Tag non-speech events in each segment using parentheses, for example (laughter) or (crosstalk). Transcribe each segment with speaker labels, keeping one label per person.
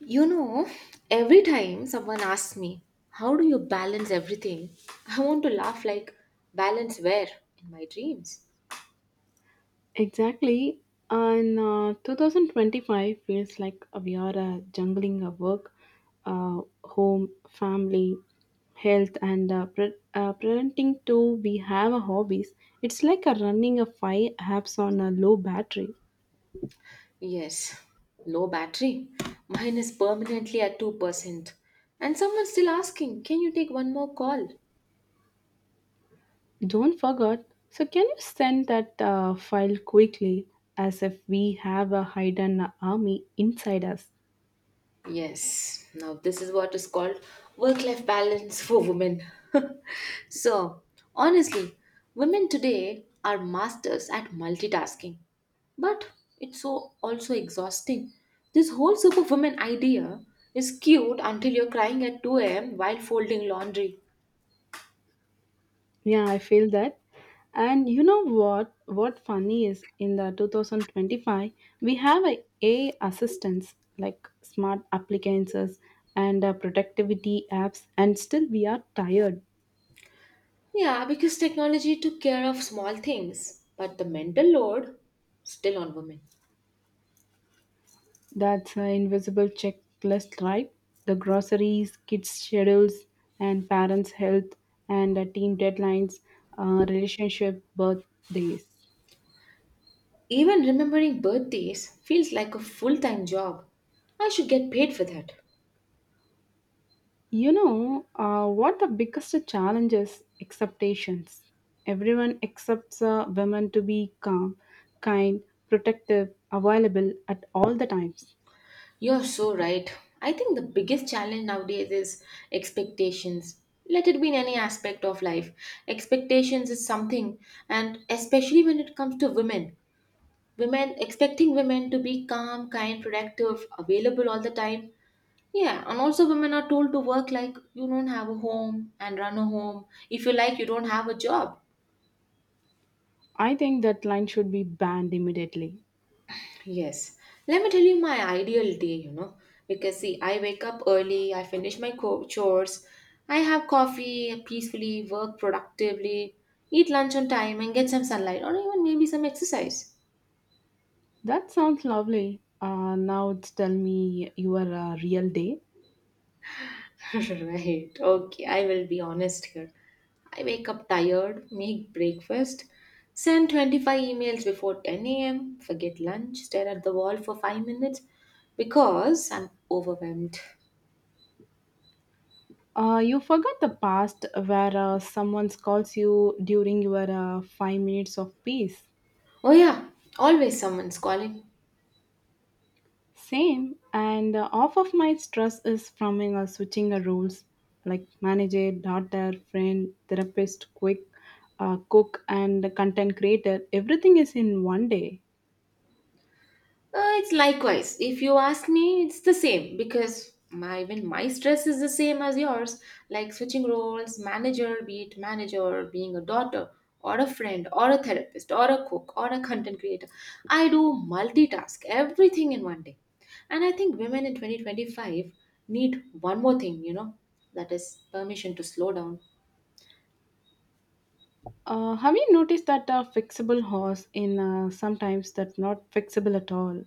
Speaker 1: You know, every time someone asks me, how do you balance everything? (laughs) I want to laugh like, balance where? In my dreams.
Speaker 2: Exactly. And 2025 feels like we are jungling a work, home, family, health, and parenting too. We have a hobbies. It's like a running a five apps on a low battery.
Speaker 1: Yes, low battery. Mine is permanently at 2%. And someone's still asking, can you take one more call?
Speaker 2: Don't forget. So can you send that file quickly, as if we have a hidden army inside us?
Speaker 1: Yes. Now, this is what is called work life balance for women. (laughs) so, honestly, women today are masters at multitasking, but it's so also exhausting. This whole superwoman idea is cute until you're crying at 2 a.m. while folding laundry.
Speaker 2: Yeah, I feel that. And you know what? What funny is in the 2025, we have a AI assistants like smart appliances and productivity apps, and still we are tired.
Speaker 1: Yeah, because technology took care of small things, but the mental load still on women.
Speaker 2: That's an invisible checklist, right? The groceries, kids' schedules, and parents' health, and team deadlines, relationship, birthdays.
Speaker 1: Even remembering birthdays feels like a full time job. I should get paid for that.
Speaker 2: What the biggest challenge is expectations. Everyone accepts women to be calm, kind, protective, available at all the times.
Speaker 1: You're so right. I think the biggest challenge nowadays is expectations. Let it be in any aspect of life. Expectations is something, and especially when it comes to women. Women expecting women to be calm, kind, productive, available all the time. Yeah, and also women are told to work like you don't have a home and run a home, if you like, you don't have a job.
Speaker 2: I think that line should be banned immediately.
Speaker 1: Yes. Let me tell you my ideal day, you know, because see, I wake up early, I finish my chores, I have coffee peacefully, work productively, eat lunch on time, and get some sunlight or even maybe some exercise.
Speaker 2: That sounds lovely. Now it's tell me your real day.
Speaker 1: (laughs) Right. Okay, I will be honest here. I wake up tired, make breakfast, send 25 emails before 10 a.m., forget lunch, stare at the wall for 5 minutes because I'm overwhelmed.
Speaker 2: You forgot the past where someone calls you during your 5 minutes of peace.
Speaker 1: Oh, yeah, always someone's calling.
Speaker 2: Same, and half of my stress is from switching roles like manager, daughter, friend, therapist, quick, cook, and content creator. Everything is in one day.
Speaker 1: It's likewise. If you ask me, it's the same because my even my stress is the same as yours. Like switching roles, manager, be it manager, being a daughter, or a friend, or a therapist, or a cook, or a content creator. I do multitask everything in one day. And I think women in 2025 need one more thing, you know, that is permission to slow down.
Speaker 2: Have you noticed that a fixable horse in sometimes that not fixable at all?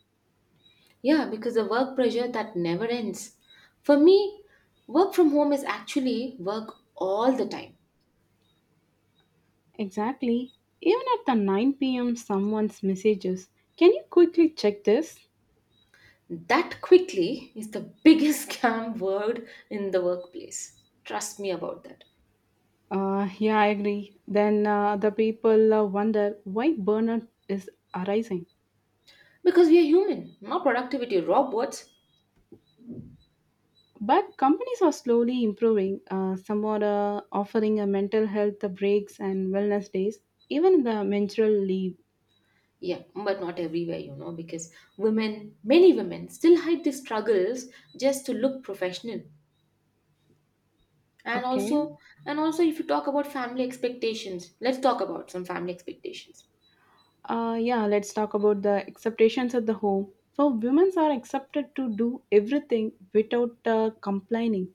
Speaker 1: Yeah, because the work pressure that never ends. For me, work from home is actually work all the time.
Speaker 2: Exactly. Even at the 9 p.m., someone's messages. Can you quickly check this?
Speaker 1: That quickly is the biggest (laughs) scam word in the workplace. Trust me about that.
Speaker 2: Yeah, I agree. Then the people wonder why burnout is arising.
Speaker 1: Because we are human, not productivity robots.
Speaker 2: But companies are slowly improving. Some are offering a mental health breaks and wellness days, even the menstrual leave.
Speaker 1: Yeah, but not everywhere, you know, because women, many women still hide their struggles just to look professional. And
Speaker 2: Okay.
Speaker 1: also, and also if you talk about family expectations, let's talk about some family expectations.
Speaker 2: Yeah, let's talk about the acceptations at the home. So, women are accepted to do everything without complaining.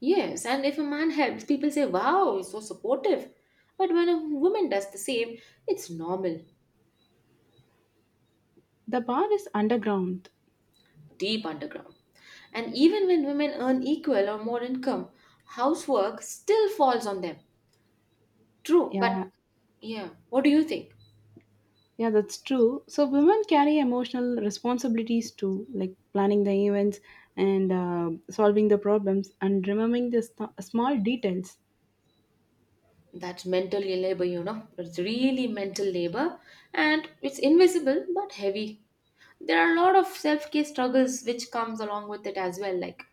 Speaker 1: Yes, and if a man helps, people say, wow, he's so supportive. But when a woman does the same, it's normal.
Speaker 2: The bar is underground.
Speaker 1: Deep underground. And even when women earn equal or more income, housework still falls on them. True, but
Speaker 2: Yeah,
Speaker 1: yeah, what do you think?
Speaker 2: yeah, that's true. So, women carry emotional responsibilities too, like planning the events and solving the problems and remembering the small details.
Speaker 1: That's mental labor, you know. It's really mental labor and it's invisible but heavy. There are a lot of self care struggles which comes along with it as well, like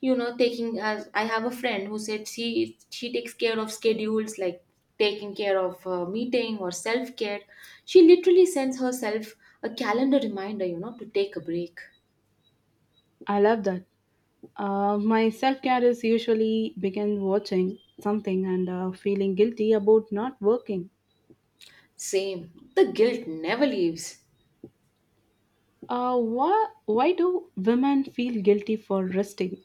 Speaker 1: you know, taking, as I have a friend who said she takes care of schedules like taking care of a meeting or self care, she literally sends herself a calendar reminder, you know, to take a break.
Speaker 2: I love that. My self care is usually begin watching something and feeling guilty about not working.
Speaker 1: Same. The guilt never leaves.
Speaker 2: Why do women feel guilty for resting?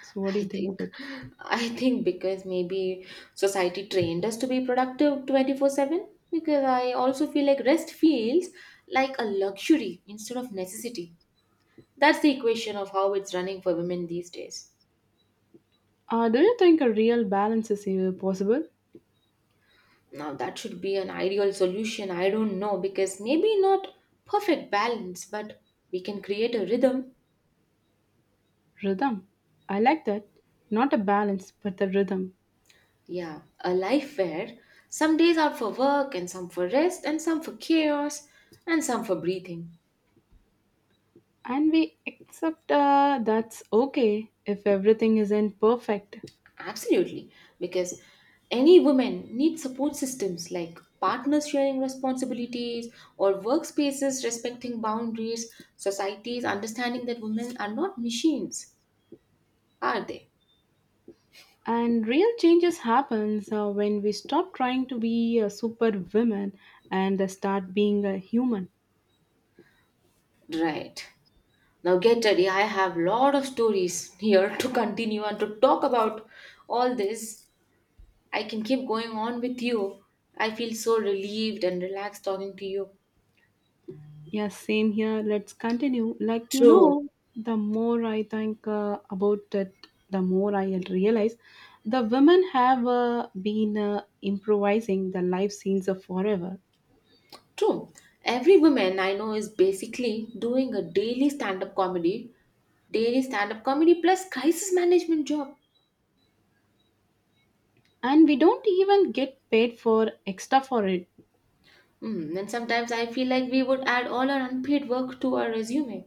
Speaker 2: So, what do
Speaker 1: i
Speaker 2: you think
Speaker 1: think
Speaker 2: about it?
Speaker 1: i think because maybe society trained us to be productive 24/7, because I also feel like rest feels like a luxury instead of necessity. That's the equation of how it's running for women these days.
Speaker 2: Do you think a real balance is possible?
Speaker 1: Now, that should be an ideal solution. I don't know, because maybe not perfect balance, but we can create a rhythm.
Speaker 2: Rhythm. I like that. Not a balance, but the rhythm.
Speaker 1: Yeah, a life where some days are for work and some for rest and some for chaos and some for breathing.
Speaker 2: And we accept that's okay if everything isn't perfect.
Speaker 1: Absolutely, because any woman needs support systems like partners sharing responsibilities or workspaces respecting boundaries, societies understanding that women are not machines, are they?
Speaker 2: And real changes happens when we stop trying to be a super woman and start being a human.
Speaker 1: Right. Now get ready. I have lot of stories here (laughs) to continue and to talk about all this. I can keep going on with you. I feel so relieved and relaxed talking to you.
Speaker 2: Yes, same here. Let's continue. Like you
Speaker 1: True.
Speaker 2: know, the more I think about it, the more I realize the women have been improvising the life scenes of forever,
Speaker 1: True. Every woman I know is basically doing a daily stand-up comedy plus crisis management job.
Speaker 2: and we don't even get paid for extra for it.
Speaker 1: Hmm, and sometimes I feel like we would add all our unpaid work to our resume.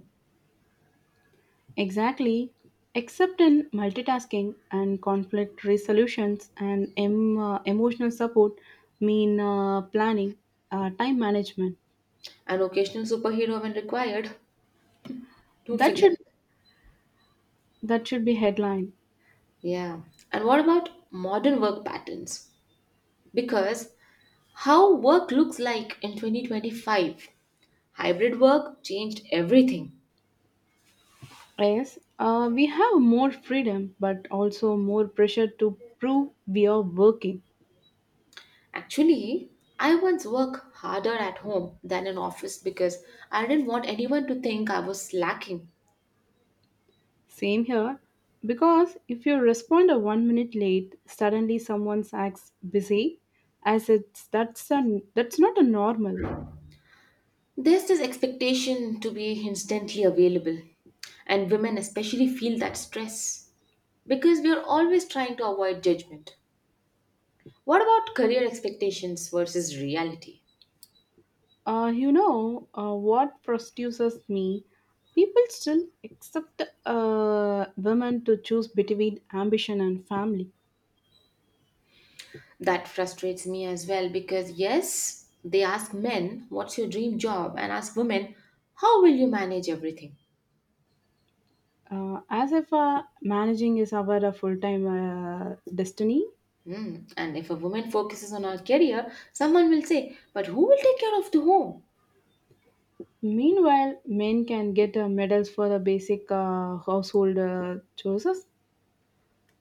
Speaker 2: Exactly. Except in multitasking and conflict resolutions and emotional support, mean planning, time management.
Speaker 1: An occasional superhero when required. Don't
Speaker 2: That should
Speaker 1: forget.
Speaker 2: that should be headline.
Speaker 1: Yeah. And what about modern work patterns? Because how work looks like in 2025, hybrid work changed everything.
Speaker 2: Yes, we have more freedom, but also more pressure to prove we are working.
Speaker 1: Actually, I once worked harder at home than in office because I didn't want anyone to think I was slacking.
Speaker 2: Same here, because if you respond a 1 minute late, suddenly someone acts busy, as it's that's a that's not a normal.
Speaker 1: There's this expectation to be instantly available, and women especially feel that stress because we are always trying to avoid judgment. What about career expectations versus reality?
Speaker 2: What frustrates me? People still expect women to choose between ambition and family,
Speaker 1: That frustrates me as well because, yes, they ask men, what's your dream job? And ask women, how will you manage everything?
Speaker 2: as if managing is our full-time destiny.
Speaker 1: Hmm. And if a woman focuses on her career, someone will say, but who will take care of the home?
Speaker 2: Meanwhile, men can get medals for the basic household chores.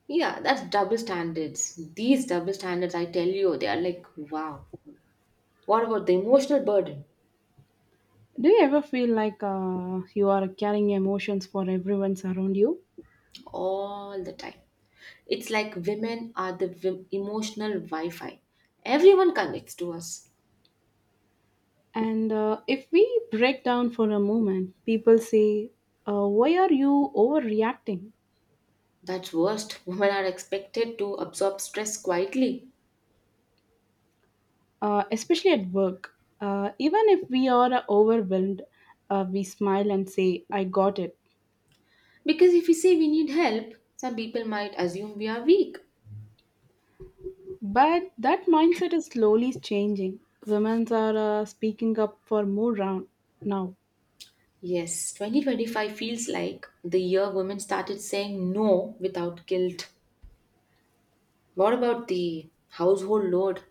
Speaker 1: Yeah, that's double standards. These double standards, I tell you, they are like, wow. What about the emotional burden?
Speaker 2: Do you ever feel like you are carrying emotions for everyone around you?
Speaker 1: All the time. It's like women are the emotional Wi Fi. Everyone connects to us.
Speaker 2: And if we break down for a moment, people say, Why are you overreacting?
Speaker 1: That's worst. Women are expected to absorb stress quietly.
Speaker 2: Especially at work. Even if we are overwhelmed, we smile and say, I got it.
Speaker 1: Because if we say we need help, some people might assume we are weak.
Speaker 2: But that mindset is slowly changing. Women are speaking up for more round now.
Speaker 1: Yes, 2025 feels like the year women started saying no without guilt. What about the household load?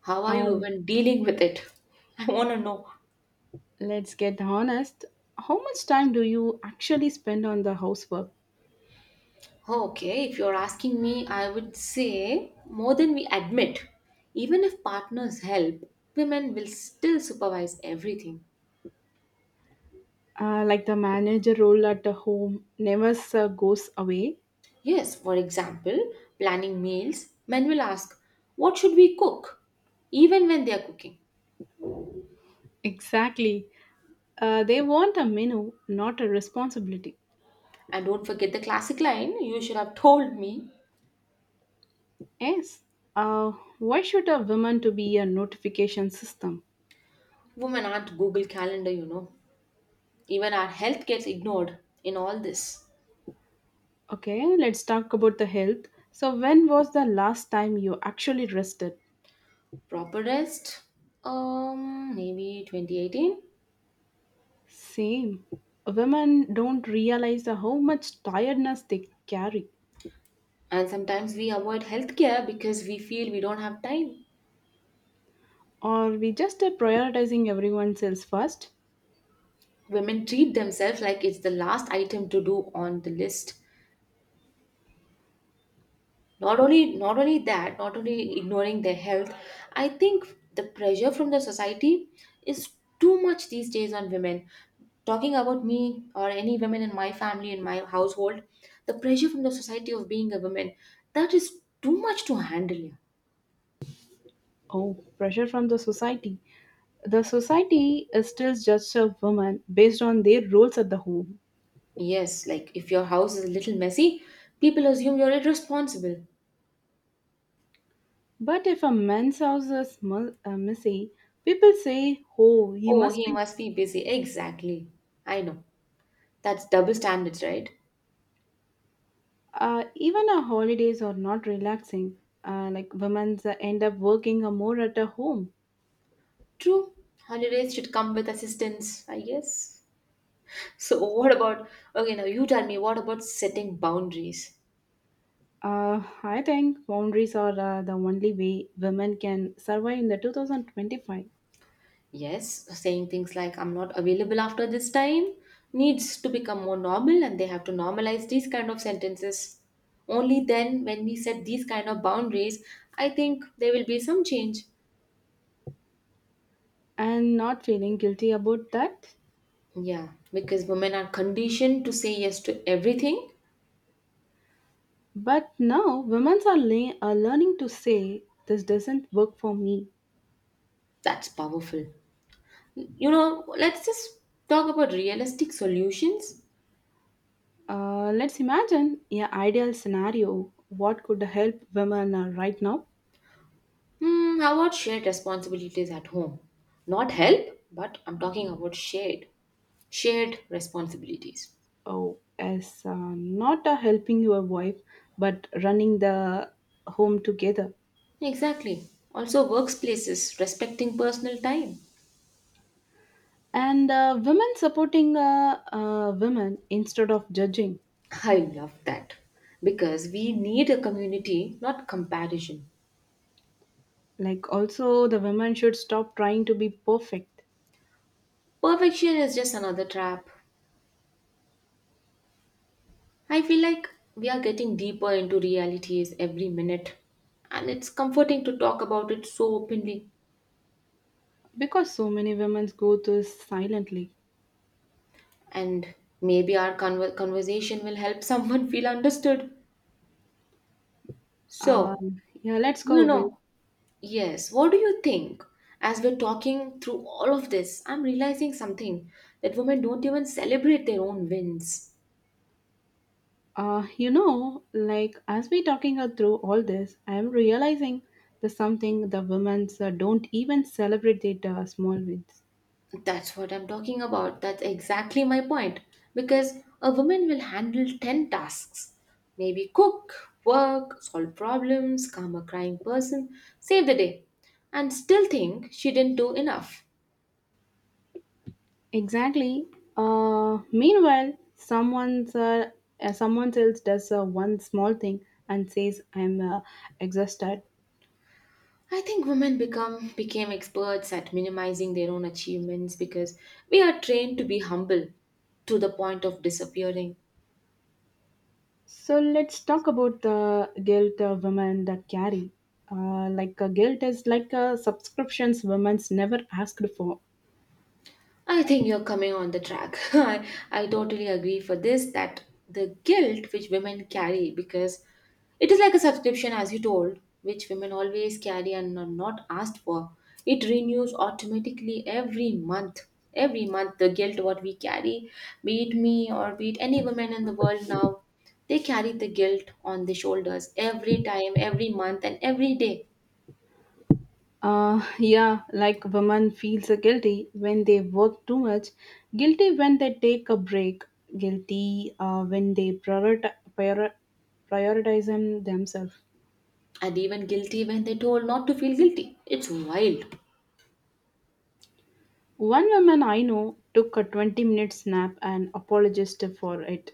Speaker 1: How are you
Speaker 2: Uh,
Speaker 1: even dealing with it? (laughs) I want to know.
Speaker 2: let's get honest. How much time do you actually spend on the housework?
Speaker 1: Okay, if you're asking me, I would say more than we admit. Even if partners help, women will still supervise everything.
Speaker 2: Like the manager role at the home never goes away.
Speaker 1: Yes, for example, planning meals, men will ask, what should we cook? Even when they are cooking.
Speaker 2: Exactly. They want a menu, not a responsibility.
Speaker 1: And don't forget the classic line, you should have told me.
Speaker 2: Yes. Uh, why should a woman to be a notification system?
Speaker 1: Women aren't Google Calendar, you know. Even our health gets ignored in all this.
Speaker 2: Okay, let's talk about the health. So when was the last time you actually rested?
Speaker 1: Proper rest, maybe 2018.
Speaker 2: Same. Women don't realize how much tiredness they carry.
Speaker 1: And sometimes we avoid healthcare because we feel we don't have time.
Speaker 2: Or we just prioritizing everyone else first?
Speaker 1: Women treat themselves like it's the last item to do on the list. Not only ignoring their health, I think the pressure from the society is too much these days on women. Talking about me or any women in my family in my household, the pressure from the society of being a woman, that is too much to handle, yeah.
Speaker 2: Oh, pressure from the society. The society is still judges a woman based on their roles at the home.
Speaker 1: Yes, like if your house is a little messy, people assume you're irresponsible.
Speaker 2: But if a man's house is messy, people say, oh, he
Speaker 1: Oh,
Speaker 2: must
Speaker 1: he
Speaker 2: be.
Speaker 1: must be busy, exactly. I know. That's double standards, right?
Speaker 2: Even our holidays are not relaxing. Like women's end up working more at a home.
Speaker 1: True. Holidays should come with assistance, I guess. So, what about, okay, now you tell me, what about setting boundaries?
Speaker 2: I think boundaries are the only way women can survive in the 2025
Speaker 1: Yes, saying things like, I'm not available after this time, needs to become more normal, and they have to normalize these kind of sentences. Only then, when we set these kind of boundaries, I think there will be some change.
Speaker 2: and not feeling guilty about that.
Speaker 1: Yeah, because women are conditioned to say yes to everything.
Speaker 2: But now women are learning to say, this doesn't work for me.
Speaker 1: That's powerful. You know, let's just talk about realistic solutions.
Speaker 2: Let's imagine an ideal scenario. What could help women right now?
Speaker 1: Hmm, how about shared responsibilities at home? Not help, but I'm talking about shared. Shared responsibilities.
Speaker 2: Oh, as not helping your wife, but running the home together.
Speaker 1: Exactly. Also, workplaces respecting personal time.
Speaker 2: And women supporting women instead of judging.
Speaker 1: I love that. Because we need a community, not comparison.
Speaker 2: Like, also, the women should stop trying to be perfect
Speaker 1: Perfection is just another trap. I feel like we are getting deeper into realities every minute. And it's comforting to talk about it so openly.
Speaker 2: because so many women go through silently.
Speaker 1: And maybe our conversation will help someone (laughs) feel understood. So,
Speaker 2: Yeah, let's
Speaker 1: you
Speaker 2: go with.
Speaker 1: know, yes, what do you think? As we're talking through all of this, I'm realizing something that women don't even celebrate their own wins.
Speaker 2: You know, like as we talking her through all this, I am realizing the something the women's don't even celebrate their small wins.
Speaker 1: That's what I'm talking about. That's exactly my point. Because a woman will handle 10 tasks, maybe cook, work, solve problems, calm a crying person, save the day, and still think she didn't do enough.
Speaker 2: Exactly. Meanwhile, someone else does one small thing and says, "I'm exhausted."
Speaker 1: I think women become became experts at minimizing their own achievements because we are trained to be humble to the point of disappearing.
Speaker 2: So let's talk about the guilt women that carry. Like guilt is like a subscriptions women's never asked for.
Speaker 1: I think you're coming on the track. (laughs) I totally agree for this that the guilt which women carry, because it is like a subscription as you told, which women always carry and are not asked for. It renews automatically every month. Every month the guilt what we carry, be it me or be it any woman in the world now, they carry the guilt on their shoulders every time, every month and every day.
Speaker 2: Yeah, like women feels guilty when they work too much, guilty when they take a break, guilty when they prioritize them themselves.
Speaker 1: And even guilty when they told not to feel guilty. It's wild.
Speaker 2: One woman I know took a 20-minute minute nap and apologized for it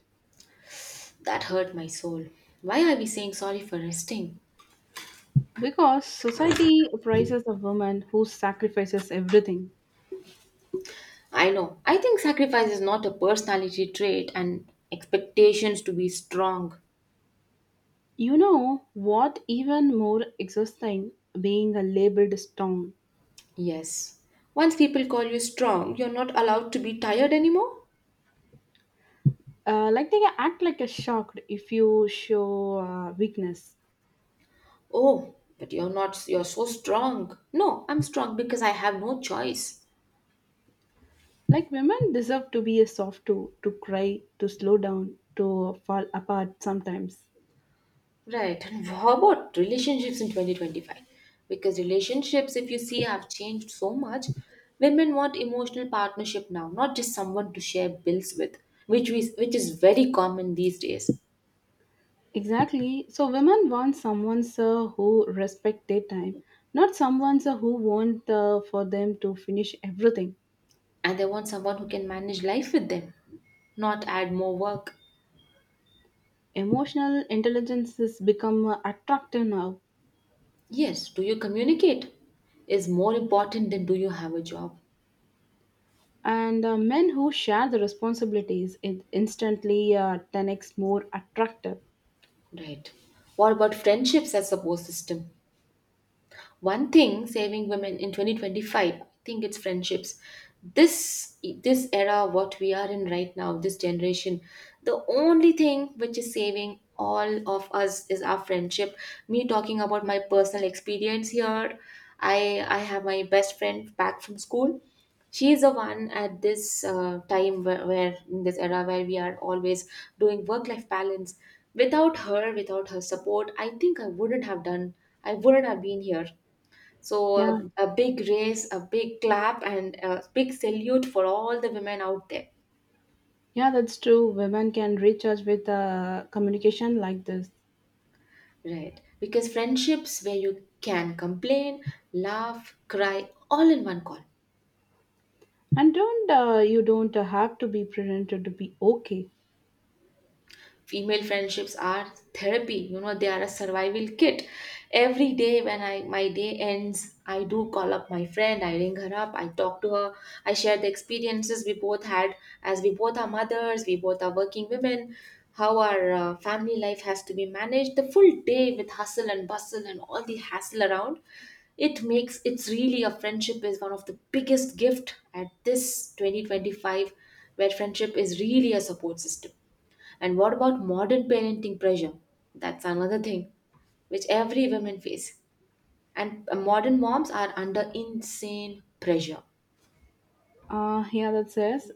Speaker 1: That hurt my soul. Why are we saying sorry for resting?
Speaker 2: because society praises a woman who sacrifices everything.
Speaker 1: I know. I think sacrifice is not a personality trait and expectations to be strong.
Speaker 2: You know what? Even more exhausting, being a labeled strong.
Speaker 1: Yes. Once people call you strong, you're not allowed to be tired anymore?
Speaker 2: Like they act like a shocked if you show weakness.
Speaker 1: Oh, but you're not, you're so strong. No, I'm strong because I have no choice.
Speaker 2: Like women deserve to be a soft too, to cry, to slow down, to fall apart sometimes.
Speaker 1: Right. And how about relationships in 2025? Because relationships, if you see, have changed so much. Women want emotional partnership now, not just someone to share bills with, which is very common these days.
Speaker 2: Exactly. So women want someone sir who respect their time, not someone sir who want for them to finish everything.
Speaker 1: And they want someone who can manage life with them, not add more work.
Speaker 2: Emotional intelligence has become attractive now,
Speaker 1: Yes, do you communicate is more important than do you have a job?
Speaker 2: and men who share the responsibilities is instantly 10x more attractive.
Speaker 1: Right. What about friendships as support system? One thing saving women in 2025, I think it's friendships. This era, what we are in right now, this generation, the only thing which is saving all of us is our friendship. Me talking about my personal experience here. I have my best friend back from school. She is the one at this time where in this era where we are always doing work life balance. Without her support I think I wouldn't have done. I wouldn't have been here. So
Speaker 2: Yeah,
Speaker 1: a big raise, a big clap, and a big salute for all the women out there.
Speaker 2: Yeah, that's true. Women can reach us with communication like this,
Speaker 1: Right. Because friendships where you can complain, laugh, cry all in one call.
Speaker 2: and don't you don't have to be presented to be okay.
Speaker 1: Female friendships are therapy, you know, they are a survival kit. Every day when I my day ends I do call up my friend, I ring her up, I talk to her. I share the experiences we both had, as we both are mothers, we both are working women. How our family life has to be managed the full day with hustle and bustle and all the hassle around it's really, a friendship is one of the biggest gift at this 2025 where friendship is really a support system. And what about modern parenting pressure? That's another thing which every woman face. And modern moms are under insane pressure.
Speaker 2: Yeah, that says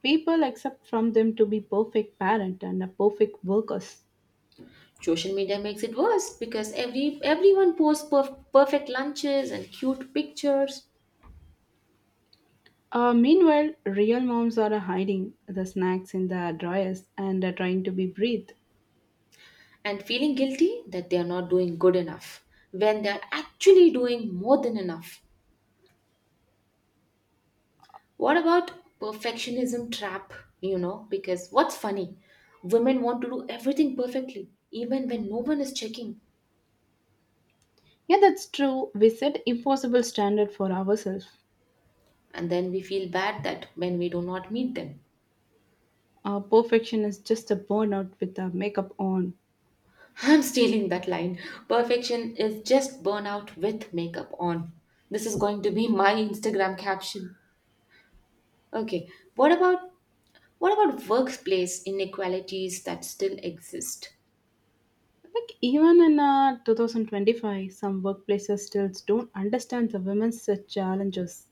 Speaker 2: people accept from them to be perfect parent and a perfect workers.
Speaker 1: Social media makes it worse because everyone posts perfect lunches and cute pictures
Speaker 2: Meanwhile, real moms are hiding the snacks in the drawers and are trying to be breathed.
Speaker 1: and feeling guilty that they are not doing good enough when they are actually doing more than enough. What about perfectionism trap, you know, because what's funny? Women want to do everything perfectly even when no one is checking,
Speaker 2: Yeah, that's true. We set impossible standard for ourselves.
Speaker 1: and then we feel bad that when we do not meet them.
Speaker 2: Perfection is just a burnout with a makeup on.
Speaker 1: (laughs) I'm stealing that line. Perfection is just burnout with makeup on. This is going to be my Instagram caption. Okay, what about workplace inequalities that still exist?
Speaker 2: Like even in 2025, some workplaces still don't understand the women's challenges.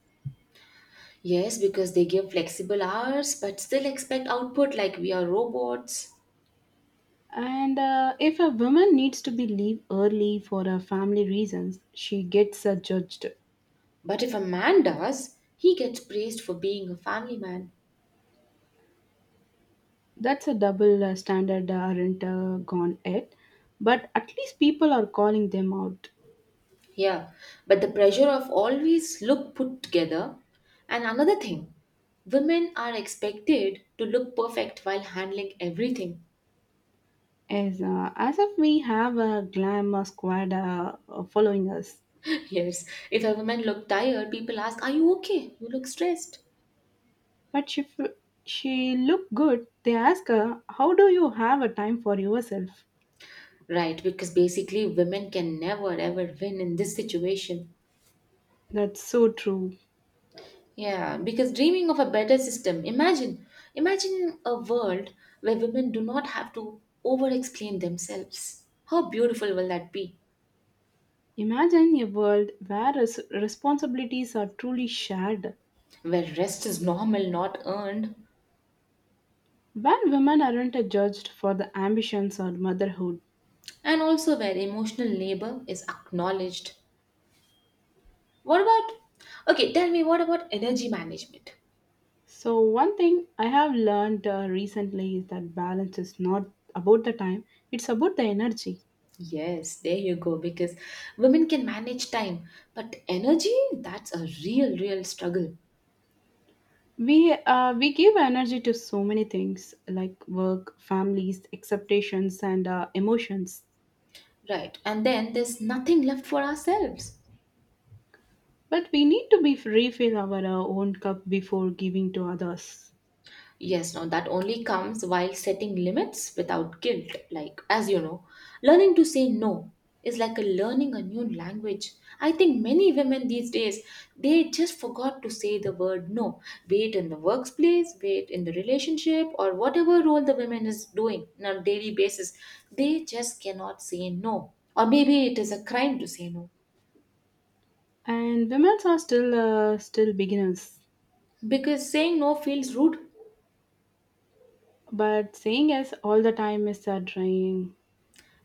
Speaker 1: Yes, because they give flexible hours but still expect output like we are robots.
Speaker 2: And if a woman needs to be leave early for her family reasons, she gets judged.
Speaker 1: But if a man does, he gets praised for being a family man.
Speaker 2: That's a double standard aren't gone yet, but at least people are calling them out
Speaker 1: Yeah, but the pressure of always look put together. And another thing, women are expected to look perfect while handling everything.
Speaker 2: as if we have a glamour squad following us.
Speaker 1: (laughs) Yes, if a woman look tired, people ask, "Are you okay? You look stressed."
Speaker 2: But if she look good, they ask her, "How do you have a time for yourself?"
Speaker 1: Right, because basically women can never ever win in this situation.
Speaker 2: That's so true.
Speaker 1: Yeah, because dreaming of a better system, imagine, imagine a world where women do not have to over explain themselves. How beautiful will that be?
Speaker 2: Imagine a world where responsibilities are truly shared,
Speaker 1: Where rest is normal, not earned,
Speaker 2: where women aren't judged for the ambitions or motherhood.
Speaker 1: and also where emotional labor is acknowledged. What about, okay, tell me, what about energy management?
Speaker 2: So, one thing I have learned recently is that balance is not about the time, it's about the energy.
Speaker 1: Yes, there you go, because women can manage time, but energy, that's a real, real struggle.
Speaker 2: We give energy to so many things like work, families, expectations, and emotions.
Speaker 1: Right, and then there's nothing left for ourselves.
Speaker 2: But we need to be refill our own cup before giving to others.
Speaker 1: Yes, no, that only comes while setting limits without guilt. Like, as you know, learning to say no is like a learning a new language. I think many women these days, they just forgot to say the word no, be it in the workplace, be it in the relationship, or whatever role the women is doing on a daily basis. They just cannot say no. Or maybe it is a crime to say no
Speaker 2: And women are still still beginners
Speaker 1: because saying no feels rude.
Speaker 2: but saying yes all the time is draining.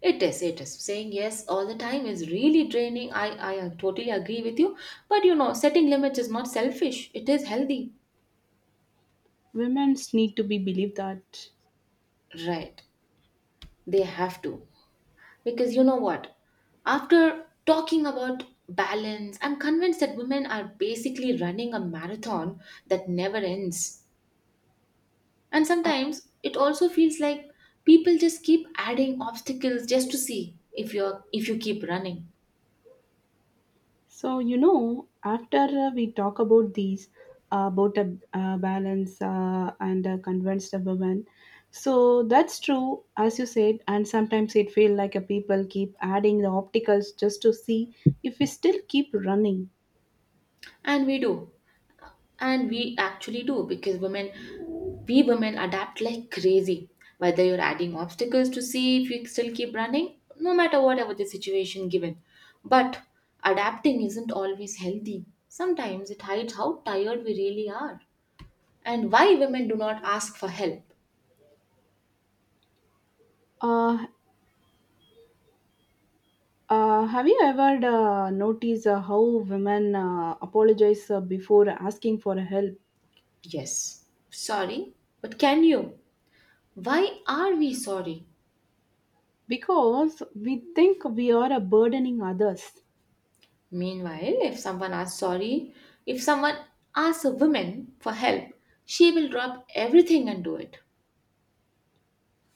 Speaker 1: It is, it is. Saying yes all the time is really draining. I totally agree with you. But you know, setting limits is not selfish, it is healthy.
Speaker 2: Women need to be believed that.
Speaker 1: Right. They have to. Because you know what? After talking about balance, I'm convinced that women are basically running a marathon that never ends. And
Speaker 2: Uh,
Speaker 1: sometimes it also feels like people just keep adding obstacles just to see if you keep running.
Speaker 2: so you know after we talk about these about a balance and convinced a woman so that's true as you said and sometimes it feel like a people keep adding the opticals just to see if we still keep running.
Speaker 1: And we do. And we actually do because women we women adapt like crazy, whether you're adding obstacles to see if you still keep running no matter whatever the situation given. But adapting isn't always healthy, sometimes it hides how tired we really are. And why women do not ask for help?
Speaker 2: uh, have you ever noticed how women apologize before asking for help?
Speaker 1: Yes, sorry, but can you, why are we sorry?
Speaker 2: Because we think we are burdening others.
Speaker 1: Meanwhile, if someone asks sorry, if someone asks a woman for help, she will drop everything and do it,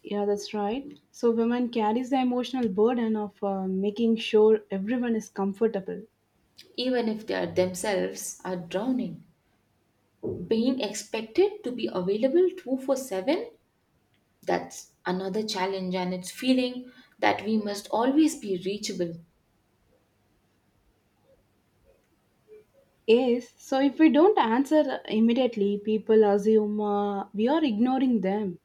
Speaker 2: Yeah, that's right. So women carries the emotional burden of making sure everyone is comfortable.
Speaker 1: even if they are themselves are drowning. Being expected to be available 24 7, that's another challenge, and it's feeling that we must always be reachable,
Speaker 2: Yes. So if we don't answer immediately, people assume we are ignoring them.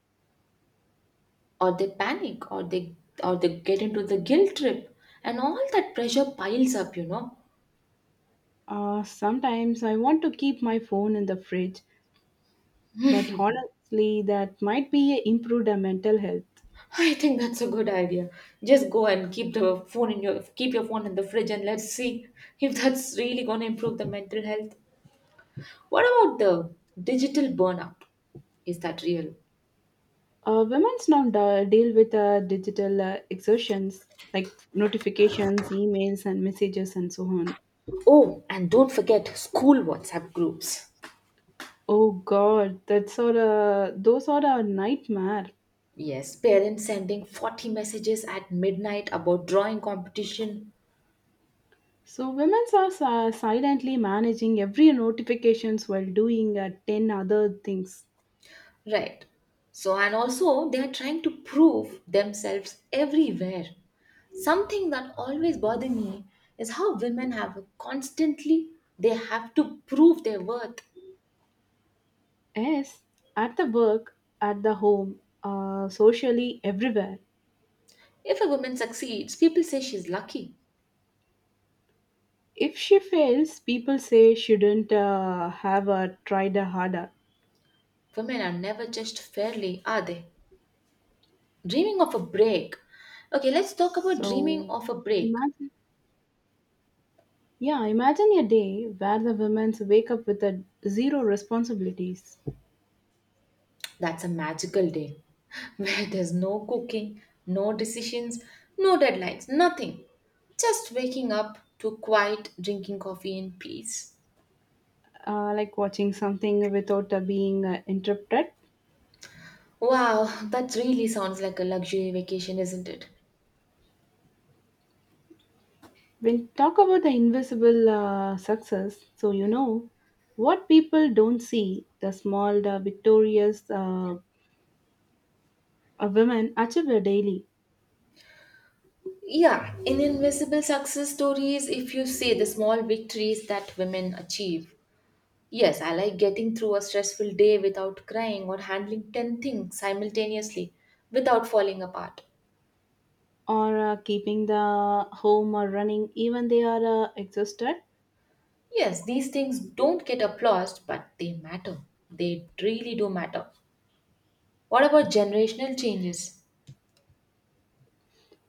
Speaker 1: or they panic, or they get into the guilt trip, and all that pressure piles up, you know.
Speaker 2: Sometimes I want to keep my phone in the fridge, but honestly, that might be improved mental health.
Speaker 1: I think that's a good idea. Just go and keep the phone in your keep your phone in the fridge and let's see if that's really going to improve the mental health. What about the digital burnout? Is that real?
Speaker 2: Women's now deal with digital exertions like notifications, emails, and messages, and so on.
Speaker 1: Oh, and don't forget school WhatsApp groups.
Speaker 2: Oh God, that's all. Those are a nightmare.
Speaker 1: Yes, parents sending 40 messages at midnight about drawing competition.
Speaker 2: So women's are silently managing every notifications while doing 10 other things.
Speaker 1: Right. So, and also they are trying to prove themselves everywhere. Something that always bothers me is how women have a constantly they have to prove their worth.
Speaker 2: Yes, at the work, at the home, socially, everywhere.
Speaker 1: If a woman succeeds, people say she's lucky.
Speaker 2: If she fails, people say shouldn't have tried harder.
Speaker 1: Women are never judged fairly, are they? Dreaming of a break. Okay, let's talk about dreaming
Speaker 2: So
Speaker 1: of a break.
Speaker 2: imagine. Yeah, imagine a day where the women wake up with a zero responsibilities,
Speaker 1: That's a magical day (laughs) where there's no cooking, no decisions, no deadlines, nothing. Just waking up to quiet drinking coffee in peace.
Speaker 2: like watching something without being interrupted.
Speaker 1: Wow, that really sounds like a luxury vacation, isn't it?
Speaker 2: When talk about the invisible success, so you know what people don't see the small, the victorious women achieve it daily,
Speaker 1: Yeah, in Invisible Success Stories, if you see the small victories that women achieve. Yes, I like getting through a stressful day without crying or handling 10 things simultaneously without falling apart.
Speaker 2: or keeping the home or running, even they are exhausted.
Speaker 1: Yes, these things don't get applauded, but they matter. They really do matter. What about generational changes?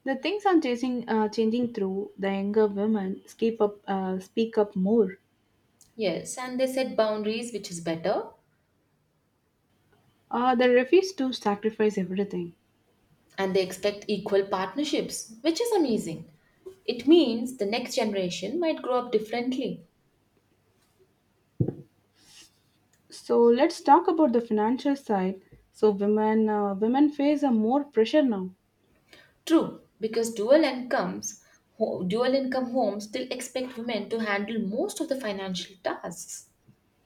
Speaker 2: The things I'm chasing, changing through the younger women, keep up, speak up more.
Speaker 1: Yes, and they set boundaries, which is better,
Speaker 2: They refuse to sacrifice everything.
Speaker 1: and they expect equal partnerships, which is amazing. It means the next generation might grow up differently.
Speaker 2: So let's talk about the financial side. So women face a more pressure now.
Speaker 1: True, because dual income homes still expect women to handle most of the financial tasks.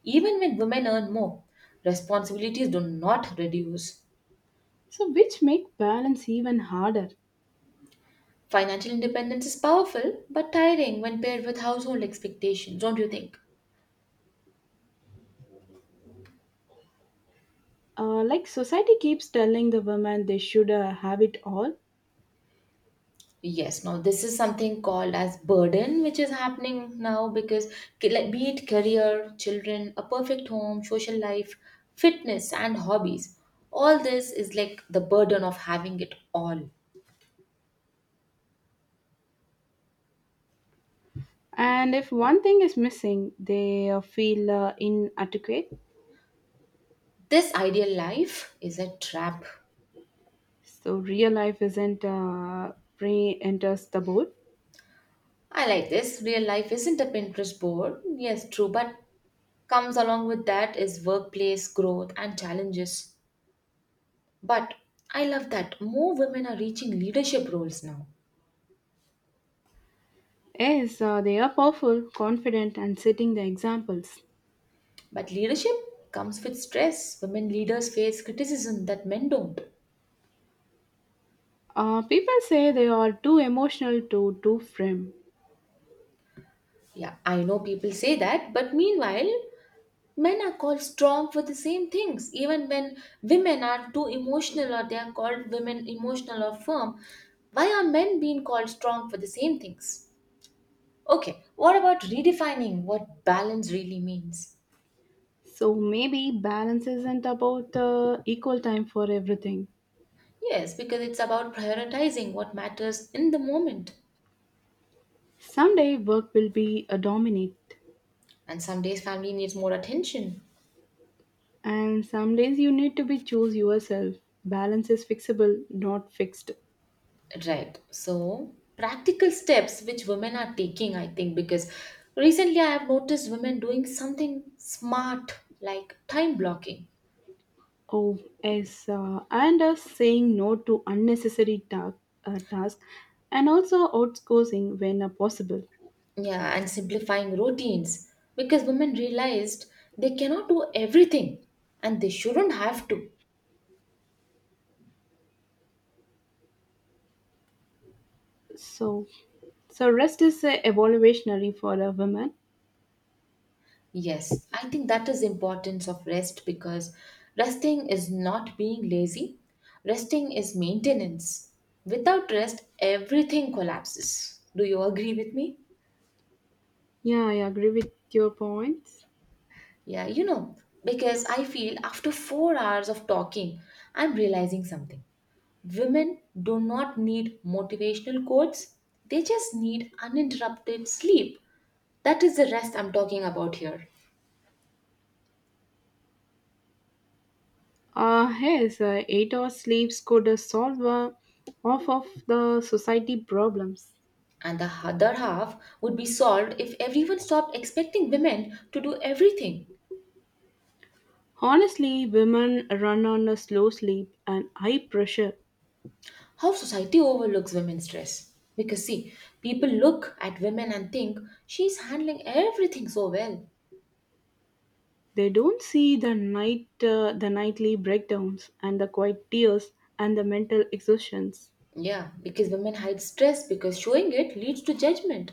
Speaker 1: Even when women earn more, responsibilities do not reduce.
Speaker 2: So which make balance even harder.
Speaker 1: Financial independence is powerful but tiring when paired with household expectations, don't you think?
Speaker 2: Like society keeps telling the women they should have it all,
Speaker 1: Yes, now this is something called as burden, which is happening now because like, be it career, children, a perfect home, social life, fitness, and hobbies, all this is like the burden of having it all.
Speaker 2: and if one thing is missing, they feel inadequate.
Speaker 1: This ideal life is a trap.
Speaker 2: So real life isn't pre enters the board.
Speaker 1: I like this. Real life isn't a Pinterest board. Yes, true, but comes along with that is workplace growth and challenges. But I love that more women are reaching leadership roles now.
Speaker 2: Yes, they are powerful, confident, and setting the examples.
Speaker 1: But leadership comes with stress. Women leaders face criticism that men don't.
Speaker 2: People say they are too emotional to do frame.
Speaker 1: Yeah, I know people say that, but meanwhile, men are called strong for the same things. Even when women are too emotional or they are called women emotional or firm, why are men being called strong for the same things? Okay, what about redefining what balance really means?
Speaker 2: So maybe balance isn't about equal time for everything.
Speaker 1: Yes, because it's about prioritizing what matters in the moment.
Speaker 2: Someday work will be a dominate,
Speaker 1: And some days family needs more attention.
Speaker 2: and some days you need to be choose yourself. Balance is fixable, not fixed.
Speaker 1: Right, so practical steps which women are taking. I think because recently I have noticed women doing something smart like time blocking,
Speaker 2: Oh, yes, and saying no to unnecessary task, and also outsourcing when possible.
Speaker 1: yeah, and simplifying routines because women realized they cannot do everything and they shouldn't have to.
Speaker 2: So, so rest is evolutionary for a woman.
Speaker 1: Yes, I think that is importance of rest because resting is not being lazy. Resting is maintenance. Without rest, everything collapses. Do you agree with me?
Speaker 2: Yeah, I agree with your points.
Speaker 1: Yeah, you know, because I feel after 4 hours of talking, I'm realizing something. Women do not need motivational quotes. They just need uninterrupted sleep. That is the rest I'm talking about here.
Speaker 2: Yes, 8 hour sleeps could solve off of the society problems.
Speaker 1: And the other half would be solved if everyone stopped expecting women to do everything.
Speaker 2: Honestly, women run on a slow sleep and high pressure.
Speaker 1: How society overlooks women's stress. Because see, people look at women and think she's handling everything so well.
Speaker 2: They don't see the the nightly breakdowns and the quiet tears and the mental exhaustions.
Speaker 1: Yeah, because women hide stress because showing it leads to judgment.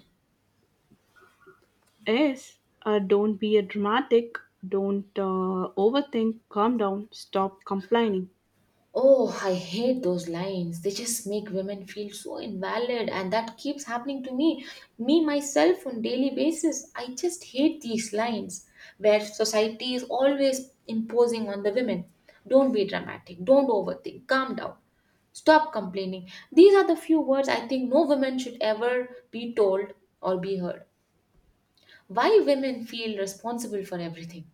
Speaker 2: Yes, don't be a dramatic. Don't overthink. Calm down. Stop complaining.
Speaker 1: Oh, I hate those lines. They just make women feel so invalid, and that keeps happening to me. Me, myself, on daily basis, I just hate these lines where society is always imposing on the women. Don't be dramatic. Don't overthink. Calm down. Stop complaining. These are the few words I think no woman should ever be told or be heard. Why women feel responsible for everything?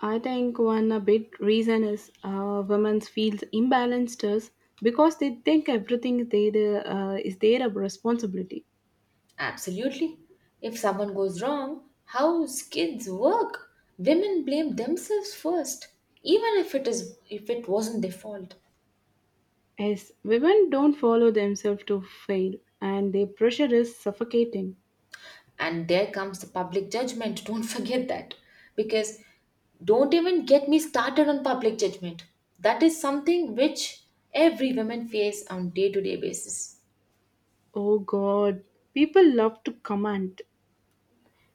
Speaker 2: I think one a big reason is women feels imbalanced is because they think everything they do, is their responsibility.
Speaker 1: Absolutely. If someone goes wrong, how kids work? Women blame themselves first, even if it wasn't their fault.
Speaker 2: Yes, women don't follow themselves to fail, and their pressure is suffocating.
Speaker 1: And there comes the public judgment. (laughs) Don't forget that. Because don't even get me started on public judgment. That is something which every woman face on day-to-day basis.
Speaker 2: Oh God, people love to command.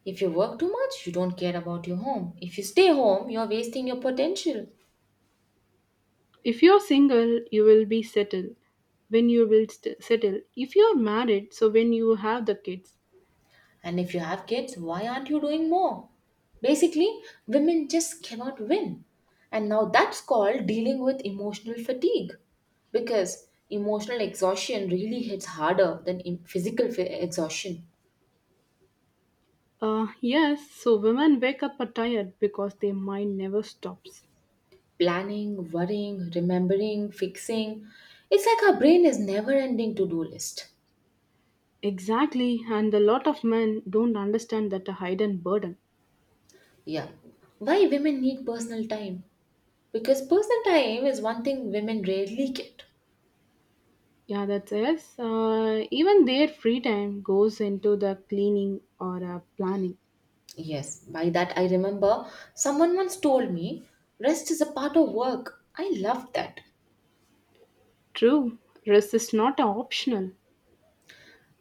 Speaker 1: If you work too much, you don't care about your home. If you stay home, you're wasting your potential.
Speaker 2: If you're single, you will be settled. When you will settle, if you're married, so when you have the kids.
Speaker 1: And if you have kids, why aren't you doing more? Basically, women just cannot win. And now that's called dealing with emotional fatigue. Because emotional exhaustion really hits harder than physical exhaustion.
Speaker 2: Yes, so women wake up tired because their mind never stops.
Speaker 1: Planning, worrying, remembering, fixing. It's like our brain is never ending to do list.
Speaker 2: Exactly, and a lot of men don't understand that a hidden burden.
Speaker 1: Yeah. Why women need personal time? Because personal time is one thing women rarely get.
Speaker 2: Yeah, that's yes. Even their free time goes into the cleaning or planning.
Speaker 1: Yes, by that I remember someone once told me rest is a part of work. I loved that.
Speaker 2: True, rest is not a optional.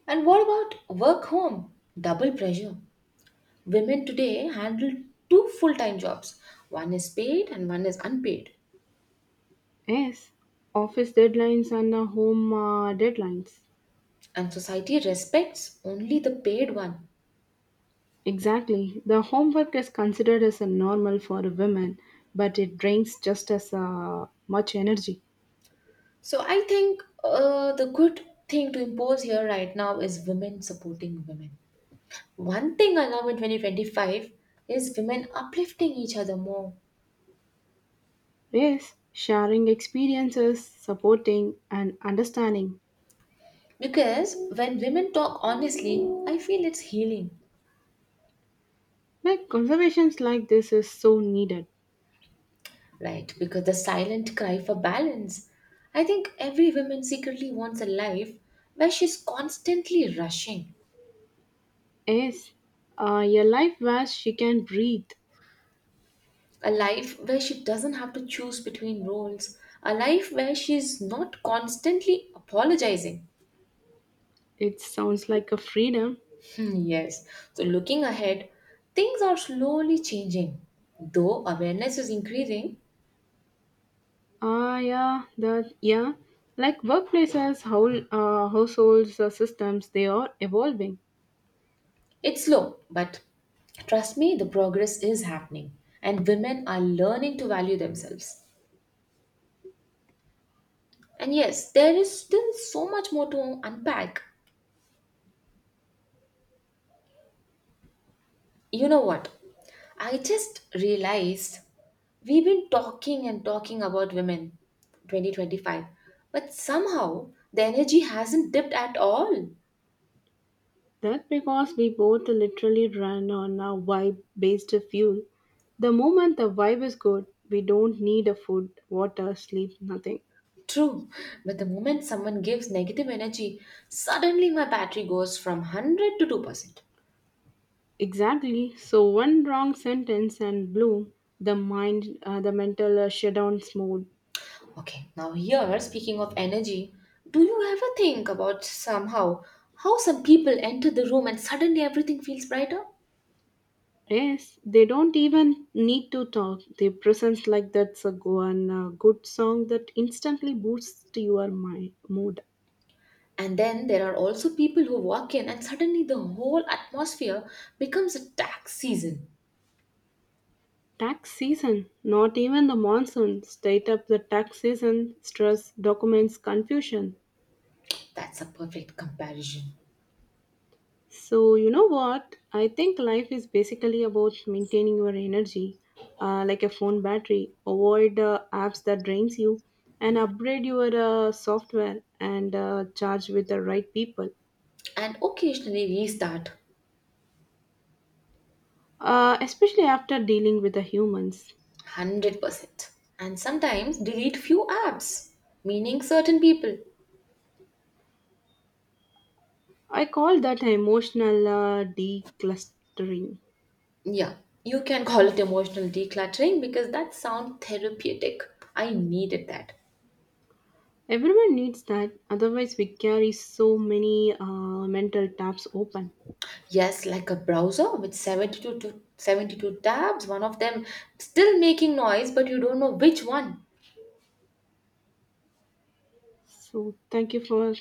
Speaker 1: And what about work home? Double pressure. Women today handle two full time jobs, one is paid and one is unpaid.
Speaker 2: Yes, office deadlines and home deadlines.
Speaker 1: And society respects only the paid one.
Speaker 2: Exactly, the homework is considered as a normal for women, but it drains just as much energy.
Speaker 1: So I think the good thing to impose here right now is women supporting women. One thing I love in 2025 is women uplifting each other more.
Speaker 2: Yes, sharing experiences, supporting, and understanding.
Speaker 1: Because when women talk honestly, I feel it's healing,
Speaker 2: Like conservations like this is so needed.
Speaker 1: right? Because the silent cry for balance. I think every woman secretly wants a life where she's constantly rushing,
Speaker 2: Yes, a life where she can breathe.
Speaker 1: a life where she doesn't have to choose between roles, a life where she's not constantly apologizing.
Speaker 2: It sounds like a freedom.
Speaker 1: Hmm, yes, so looking ahead, things are slowly changing. Though awareness is increasing,
Speaker 2: Ah, yeah, that yeah. Like workplaces, whole households, systems, they are evolving.
Speaker 1: it's slow, but trust me, the progress is happening, and women are learning to value themselves. And yes, there is still so much more to unpack. You know what? I just realized we've been talking and talking about women 2025, but somehow the energy hasn't dipped at all.
Speaker 2: That because we both literally run on a vibe-based fuel. The moment the vibe is good, we don't need a food, water, sleep, nothing.
Speaker 1: True, but the moment someone gives negative energy, suddenly my battery goes from 100 to 2%.
Speaker 2: Exactly. So one wrong sentence and blue the the mental shutdown's mode.
Speaker 1: Okay, now here, speaking of energy, do you ever think about somehow how some people enter the room and suddenly everything feels brighter?
Speaker 2: Yes, they don't even need to talk. Their presence like that's a go and a good song that instantly boosts your mind mood.
Speaker 1: And then there are also people who walk in and suddenly the whole atmosphere becomes a tax season.
Speaker 2: Tax season, not even the monsoon. State up the tax season, stress, documents, confusion.
Speaker 1: That's a perfect comparison.
Speaker 2: So, you know what? I think life is basically about maintaining your energy, like a phone battery. Avoid apps that drains you, and upgrade your software and charge with the right people.
Speaker 1: And occasionally restart
Speaker 2: Especially after dealing with the humans,
Speaker 1: 100%. And sometimes delete few apps, meaning certain people.
Speaker 2: I call that emotional declustering.
Speaker 1: Yeah, you can call it emotional decluttering because that sounds therapeutic. I needed that.
Speaker 2: Everyone needs that. Otherwise, we carry so many mental tabs open.
Speaker 1: Yes, like a browser with 72, to 72 tabs, one of them still making noise, but you don't know which one.
Speaker 2: So, thank you for